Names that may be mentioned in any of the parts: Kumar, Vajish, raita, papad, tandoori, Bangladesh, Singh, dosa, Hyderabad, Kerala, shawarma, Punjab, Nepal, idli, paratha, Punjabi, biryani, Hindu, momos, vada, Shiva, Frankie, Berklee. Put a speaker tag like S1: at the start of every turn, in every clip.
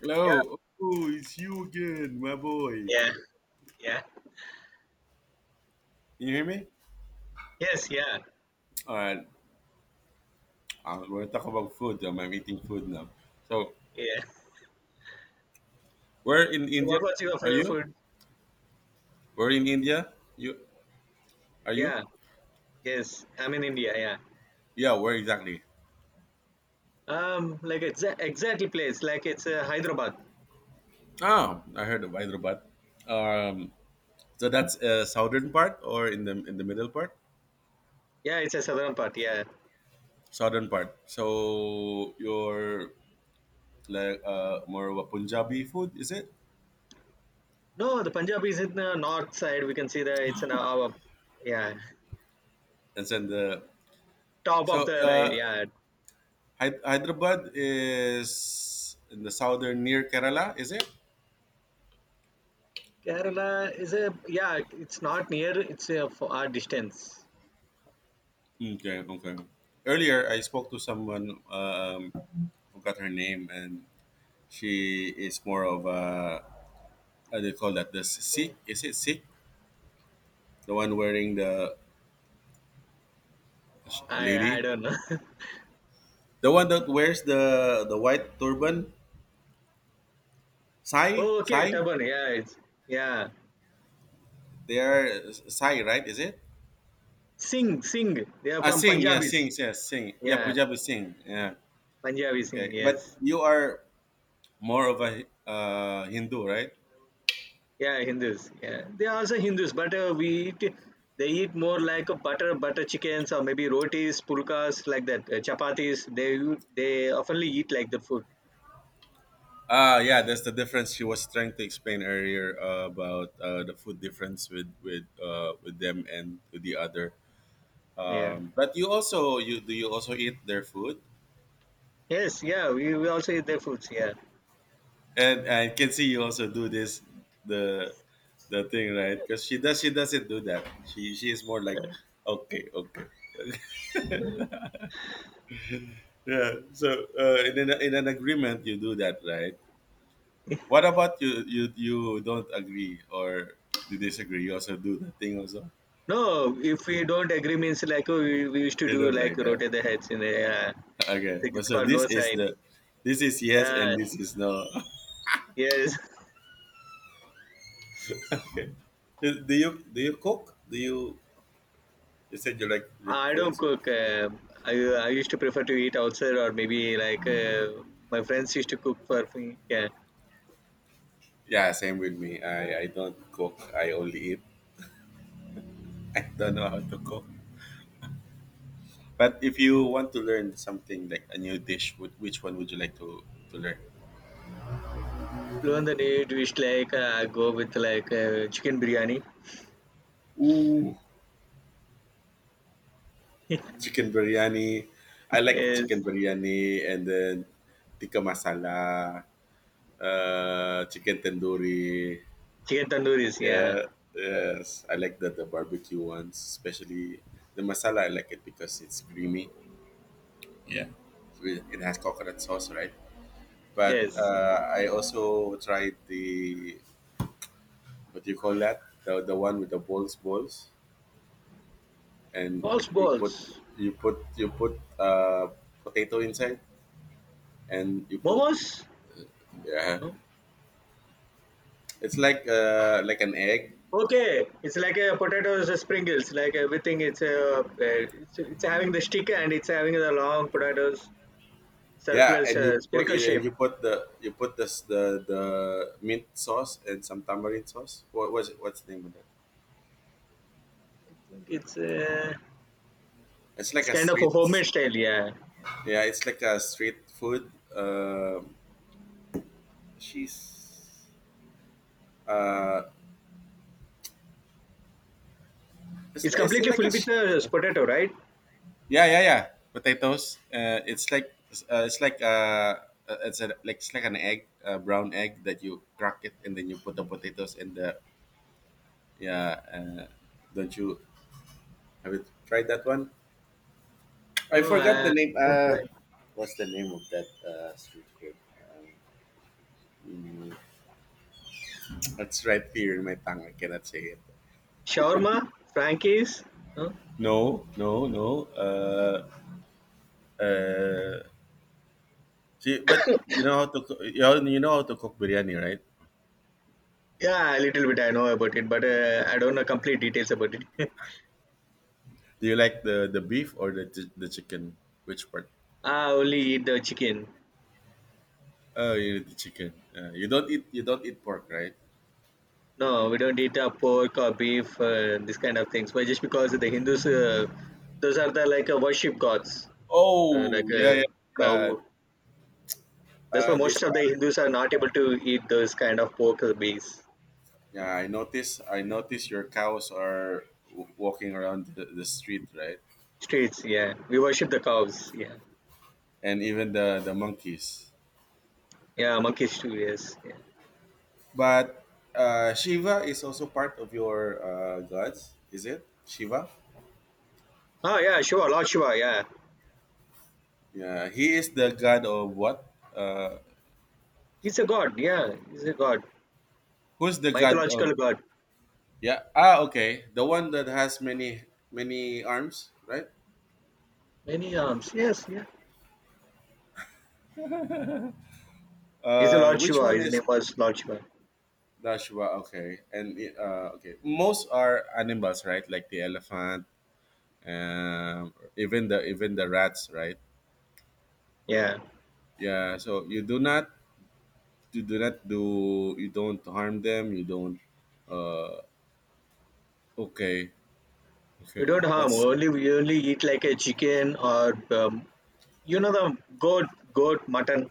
S1: Hello. Oh, it's you again, my boy.
S2: Yeah, yeah.
S1: Can you hear me?
S2: Yes, yeah,
S1: All right. We're talking about food. I'm eating food now. So,
S2: yeah.
S1: where in
S2: So
S1: India
S2: what was your
S1: are
S2: favorite
S1: you?
S2: food?
S1: Where in India? You are you?
S2: Yeah, yes. I'm in India, yeah.
S1: Yeah, where exactly?
S2: Like exactly place, like it's Hyderabad.
S1: Oh, I heard of Hyderabad. Um, so that's southern part or in the middle part?
S2: Yeah, it's a southern part, yeah.
S1: Southern part. So you're like more of a Punjabi food, is it?
S2: No, the Punjab is in the north side. We can see that it's an our, yeah,
S1: And then the
S2: top of
S1: so
S2: the right, yeah.
S1: Hy- Hyderabad is in the southern near Kerala, is it?
S2: Kerala is a, yeah, it's not near, it's a far distance.
S1: Okay, okay. Earlier, I spoke to someone, forgot her name, and she is more of a, how do you call that? The Sikh?
S2: Okay.
S1: Is it Sikh? The one wearing the
S2: I
S1: lady?
S2: don't know.
S1: The one that wears the white turban? Sai?
S2: Oh, okay,
S1: Sai?
S2: Taban, yeah, it's, yeah.
S1: They are Sai, right? Is it?
S2: Singh, they are
S1: Ah,
S2: from
S1: Singh, yeah,
S2: Punjabis.
S1: Singh, yeah, Singh. Yeah,
S2: Yeah,
S1: Punjabi Singh, yeah.
S2: Punjabi Singh,
S1: Okay, but
S2: yes.
S1: you are more of a Hindu, right?
S2: Yeah, Hindus. Yeah, they are also Hindus, but we eat. They eat more like a butter chickens or maybe rotis, pulkas like that. Chapatis. They oftenly eat like the food.
S1: Ah, yeah, that's the difference she was trying to explain earlier about the food difference with with them and with the other.
S2: Yeah.
S1: But you also you do you also eat their food,
S2: Yes. Yeah. We also eat their foods. Yeah.
S1: and I can see you also do this the the thing right because she does she doesn't do that. She is more like okay okay yeah. So in an agreement you do that right. What about you? You don't agree or you disagree? You also do the thing also.
S2: No, if we don't agree means like oh, we used to
S1: You
S2: do
S1: don't
S2: like
S1: like that.
S2: rotate the heads in the yeah.
S1: Okay, but
S2: It's
S1: so
S2: called no
S1: this is
S2: sign.
S1: the, this is yes
S2: Uh,
S1: and this is no.
S2: yes.
S1: Okay. Do you do you cook? Do you? You said you like
S2: I
S1: food.
S2: don't
S1: So.
S2: cook. I used to prefer to eat outside or maybe like my friends used to cook for me. Yeah.
S1: Yeah, same with me. I don't cook. I only eat. I don't know how to cook. But if you want to learn something like a new dish, would which one would you like to learn?
S2: On the new dish like I go with like chicken biryani.
S1: Ooh, chicken biryani. I like
S2: Yes.
S1: chicken biryani and then tikka masala, chicken tandoori.
S2: Chicken tandoori's. Yeah.
S1: Yeah, yes, I like the barbecue ones, especially the masala. I like it because it's creamy. With- it has coconut sauce, right? But
S2: Yes.
S1: I also tried the what do you call that? The one with the balls, balls, and
S2: Balls,
S1: you put
S2: balls.
S1: you put potato inside, and you put
S2: Momos.
S1: yeah.
S2: No?
S1: It's like like an egg.
S2: Okay. It's like a potatoes sprinkles. Like everything. It's it's having the stick and it's having the long potatoes circular
S1: Yeah, and
S2: spherical shape. I
S1: you put this the mint sauce and some tamarind sauce. What was it? What's the name of that?
S2: think
S1: It's like
S2: it's
S1: a
S2: kind of a
S1: street.
S2: homemade style. Yeah.
S1: Yeah, it's like a street food. She's uh,
S2: It's
S1: it's
S2: completely
S1: like a
S2: filled with
S1: sh-
S2: potato, right?
S1: yeah yeah yeah potatoes. It's like it's like it's a, like it's like an egg, a brown egg that you crack it and then you put the potatoes in the yeah. Don't you have you tried that one? I
S2: No,
S1: forgot the
S2: I,
S1: name.
S2: I'm trying.
S1: What's the name of that street food? Mm, it's right here in my tongue. I cannot say it.
S2: Shawarma, Frankie's. No?
S1: No, no, no. Uh, See, but you know how to coo- you know how to cook biryani, right?
S2: Yeah, a little bit I know about it, but I don't know complete details about it.
S1: Do you like the beef or the chi- the chicken? Which part?
S2: I only eat the chicken.
S1: Oh, you eat the chicken. You don't eat you don't eat pork, right?
S2: No, we don't eat pork or beef, this kind of things. But just because the Hindus, those are the like worship gods, uh,
S1: Oh,
S2: like
S1: yeah,
S2: uh,
S1: yeah, yeah.
S2: cow. That's why most
S1: These
S2: of the
S1: are.
S2: Hindus are not able to eat those kind of pork or beef.
S1: Yeah, I notice. I notice your cows are w- walking around the street, right?
S2: Streets, yeah. We worship the cows, yeah.
S1: And even the monkeys.
S2: Yeah, monkeys too, yes, yeah.
S1: But Shiva is also part of your gods, is it? Shiva.
S2: Ah, yeah, Shiva, Lord Shiva, yeah.
S1: Yeah, he is the god of what? Uh,
S2: He's a god, yeah. He's a god.
S1: Who's the god of?
S2: Mythological god.
S1: Yeah. Ah, okay. The one that has many many arms, right?
S2: Many arms. Yes, yeah. He's a Lord
S1: Which
S2: Shiva.
S1: one
S2: His name
S1: is
S2: was Lord Shiva.
S1: the Shiva? Okay, and okay. Most are animals, right? Like the elephant, even the rats right
S2: Yeah.
S1: yeah so you do not do you don't harm them you don't uh okay
S2: We
S1: okay
S2: don't harm.
S1: that's
S2: Only we only eat like a chicken or you know the goat, mutton.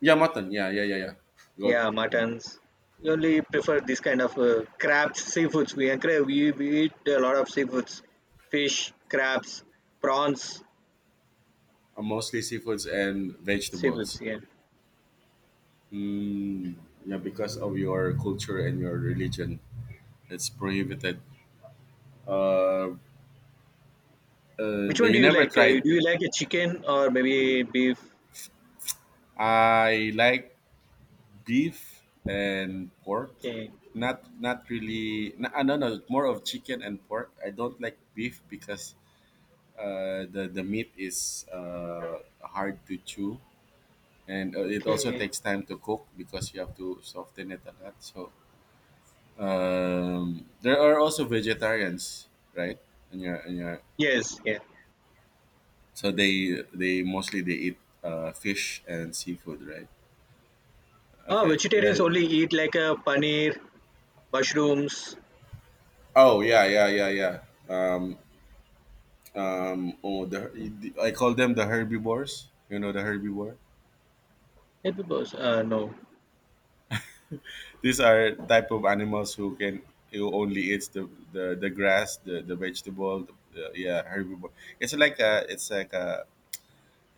S1: yeah mutton yeah yeah yeah yeah good.
S2: Yeah,
S1: um,
S2: muttons. We only prefer this kind of crabs, seafoods. We encourage. We eat a lot of seafoods, fish, crabs, prawns,
S1: Mostly seafoods and
S2: seafoods.
S1: vegetables
S2: Yeah.
S1: mm, yeah because of your culture and your religion it's prohibited uh,
S2: Which
S1: but
S2: one do
S1: you
S2: you
S1: never
S2: like? Do
S1: tried.
S2: you like a chicken or maybe beef?
S1: I like beef and pork.
S2: Okay.
S1: Not not really. No, no, no. More of chicken and pork. I don't like beef because the meat is hard to chew, and it also
S2: Mm,
S1: takes time to cook because you have to soften it a lot. So there are also vegetarians, right? And your
S2: yes, yeah.
S1: so they mostly they eat fish and seafood, right?
S2: Ah,
S1: Okay.
S2: vegetarians
S1: Yeah.
S2: only eat like a paneer, mushrooms.
S1: Oh yeah yeah yeah yeah. Um, oh the I call them the herbivores you know the herbivore.
S2: Hey, peoples, uh, no.
S1: These are type of animals who can who only eats the grass the vegetable the- yeah herbivore. It's like a it's like a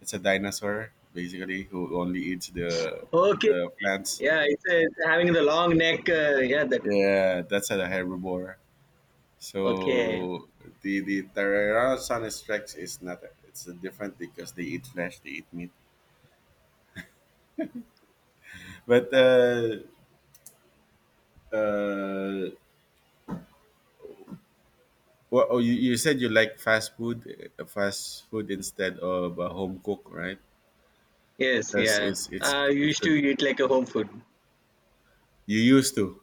S1: it's a dinosaur basically who only eats
S2: Okay.
S1: the plants
S2: Yeah, it's having the long neck. Yeah, that.
S1: yeah that's a herbivore.
S2: Okay.
S1: So the tyrannosaurus rex is not it's different because they eat flesh they eat meat but uh well, oh, you said you like fast food instead of home cook, right?
S2: Yes,
S1: Because
S2: yeah.
S1: it's it's
S2: Uh,
S1: it's
S2: used to
S1: good.
S2: eat like a home food.
S1: You used to.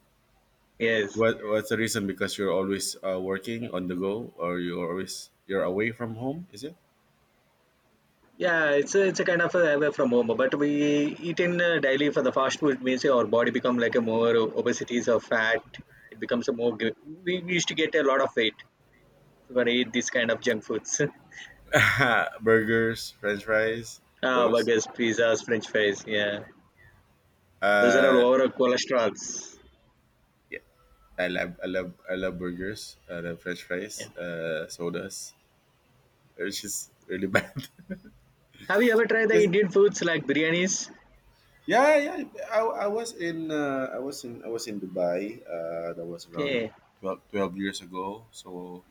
S2: Yes.
S1: What what's the reason? Because you're always working on the go, or you're always you're away from home. Is it
S2: Yeah, it's a kind of a away from home, but we eat in daily for the fast food means our body become like a more obesities or fat. It becomes a more. We used to get a lot of weight when we eat this kind of junk foods.
S1: burgers, French fries,
S2: Ah,
S1: those?
S2: burgers, pizzas, French fries. Yeah, those are all
S1: Uh,
S2: over cholesterols.
S1: yeah, I love burgers. I love French
S2: Yeah.
S1: fries, sodas, which is really bad.
S2: Have you ever tried the
S1: Because
S2: Indian foods like biryanis?
S1: yeah, yeah. I, I was in I was in I was in Dubai. That was around
S2: Okay.
S1: 12 12 years ago. So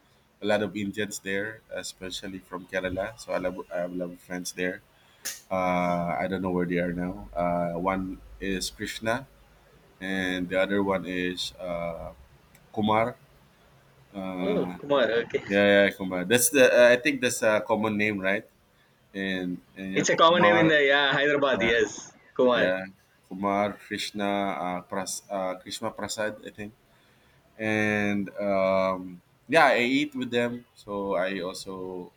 S1: a lot of Indians there, especially from Kerala. So I have a lot of friends there. I don't know where they are now. One is Krishna, and the other one is Kumar.
S2: Oh,
S1: Uh,
S2: Kumar. Okay,
S1: yeah, yeah, Kumar. That's the I think that's a common name, right? And you
S2: it's
S1: have
S2: a common name in
S1: Kumar.
S2: the yeah Hyderabad.
S1: uh,
S2: Yes, Kumar.
S1: Yeah, Kumar, Krishna, Krishna Prasad, I think, and yeah, I eat with them. So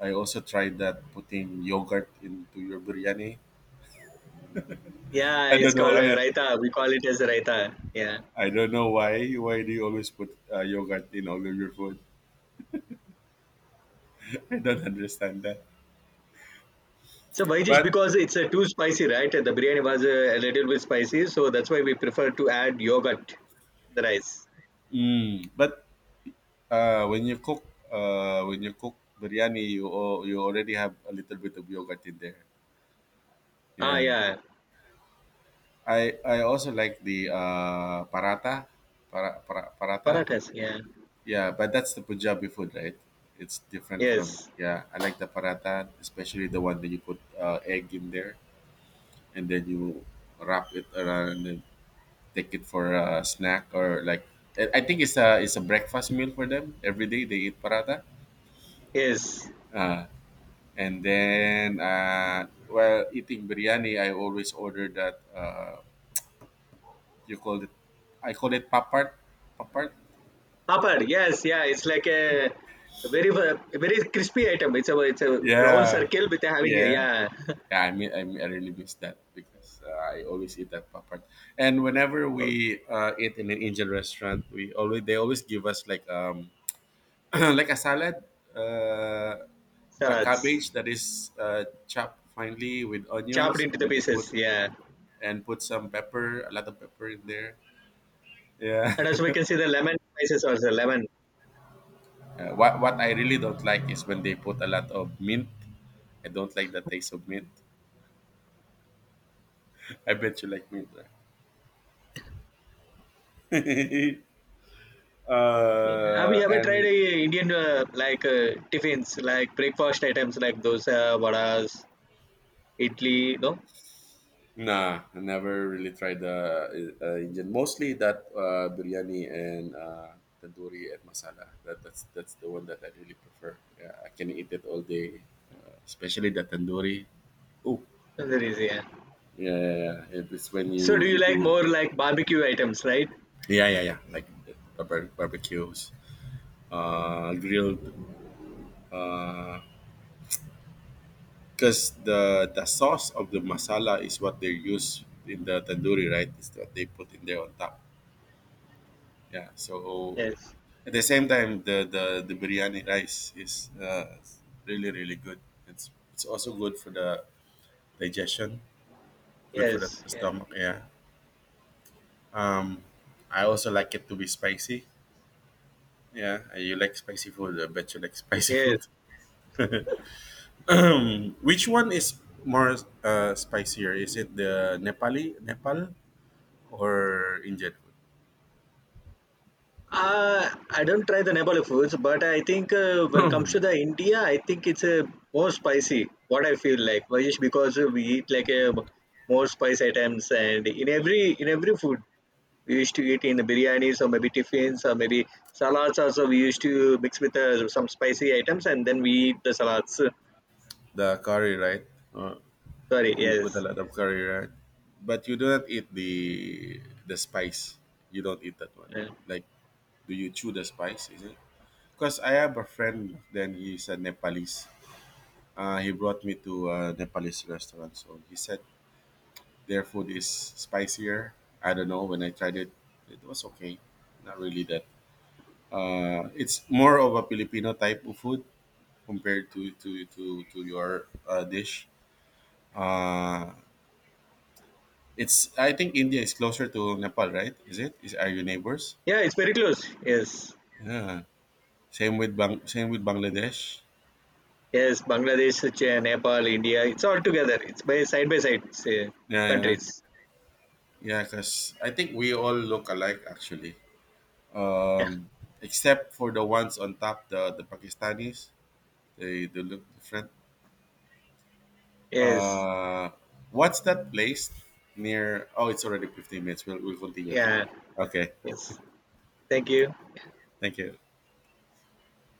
S1: I also tried that putting yogurt into your biryani.
S2: Yeah,
S1: I
S2: it's
S1: don't know.
S2: called raita. We call it as raita. Yeah.
S1: I don't know why. Why do you always put yogurt in all of your food? I don't understand that.
S2: So Vajish,
S1: But
S2: because it's too spicy, right? The biryani was a little bit spicy, so that's why we prefer to add yogurt in the rice.
S1: but when you cook biryani, you al- you already have a little bit of yogurt in there.
S2: Ah,
S1: Yeah.
S2: yeah.
S1: I also like the paratha, paratha.
S2: Parathas. Yeah.
S1: Yeah, but that's the Punjabi food, right? It's different from
S2: Yes.
S1: yeah. I like the paratha, especially the one that you put egg in there and then you wrap it around and take it for a snack or like I think it's a breakfast meal for them. Every day they eat paratha.
S2: Yes.
S1: Uh, and then while eating biryani, I always order that you call it I call it papart, papart.
S2: Papad, yes, yeah, it's like a very very crispy item. It's a round
S1: Yeah,
S2: circle with a having a
S1: yeah.
S2: yeah.
S1: Yeah, I mean, I really miss that because I always eat that popcorn. And whenever we eat in an Indian restaurant, we always they always give us like like a salad, uh, a
S2: Salads
S1: cabbage that is chopped finely with
S2: chopped
S1: onions,
S2: into the
S1: and they put
S2: pieces. Yeah,
S1: and put some pepper, a lot of pepper in there. Yeah.
S2: and also we can see the lemon spices also lemon.
S1: What what I really don't like is when they put a lot of mint. I don't like the taste of mint. I bet you like mint. Right?
S2: Yeah. Have you ever tried
S1: And
S2: a Indian like tiffins like breakfast items like dosa, vadas, idli? No,
S1: nah, I never really tried the Indian. Mostly that biryani and tandoori and masala. That's the one that I really prefer. Yeah, I can eat it all day, especially the tandoori. Oh,
S2: there is yeah.
S1: yeah, yeah, yeah. It- it's when
S2: So do
S1: you
S2: you
S1: you do,
S2: like more like barbecue items, right?
S1: yeah, yeah, yeah. Like barbe- barbecues, grilled. Because the sauce of the masala is what they use in the tandoori, right? Is what they put in there on top. Yeah, so
S2: Yes,
S1: at the same time, the biryani rice is really really good. It's also good for the digestion, good for the
S2: yes, yeah.
S1: stomach. Yeah. Um, I also like it to be spicy. Yeah, you like spicy food. I bet you like spicy
S2: Yes.
S1: food. Which one is more spicier? Is it the Nepali Nepal or Indian food?
S2: I don't try the Nepali foods, but I think when it comes to the India, I think it's more spicy. What I feel like, Vajesh, because we eat like a more spice items, and in every food we used to eat in the biryanis or maybe tiffins or maybe salads. Also, we used to mix with some spicy items, and then we eat the salads.
S1: The curry, right? Uh,
S2: Sorry,
S1: You put a
S2: yes,
S1: lot of curry, right? But you do not eat the spice. You don't eat that one.
S2: yeah.
S1: Like, do you chew the spice? Is it? Because I have a friend. Then he's a Nepalese. He brought me to a Nepalese restaurant. So he said their food is spicier. I don't know. When I tried it, it was okay. Not really that. It's more of a Filipino type of food compared to to your dish. Uh, It's I think India is closer to Nepal, right? Is it? Is are you neighbors?
S2: Yeah, it's very close. Yes,
S1: Yeah. Same with Bangladesh.
S2: yes, Bangladesh, Nepal, India, it's all together. It's by side say,
S1: Yeah, yeah.
S2: countries.
S1: Yeah, because I think we all look alike actually. Um Except for the ones on top, the Pakistanis. They look different.
S2: Yes.
S1: Uh what's that place near oh it's already 15 minutes. We'll continue.
S2: Yeah.
S1: Okay.
S2: Yes. Thank you.
S1: Thank you.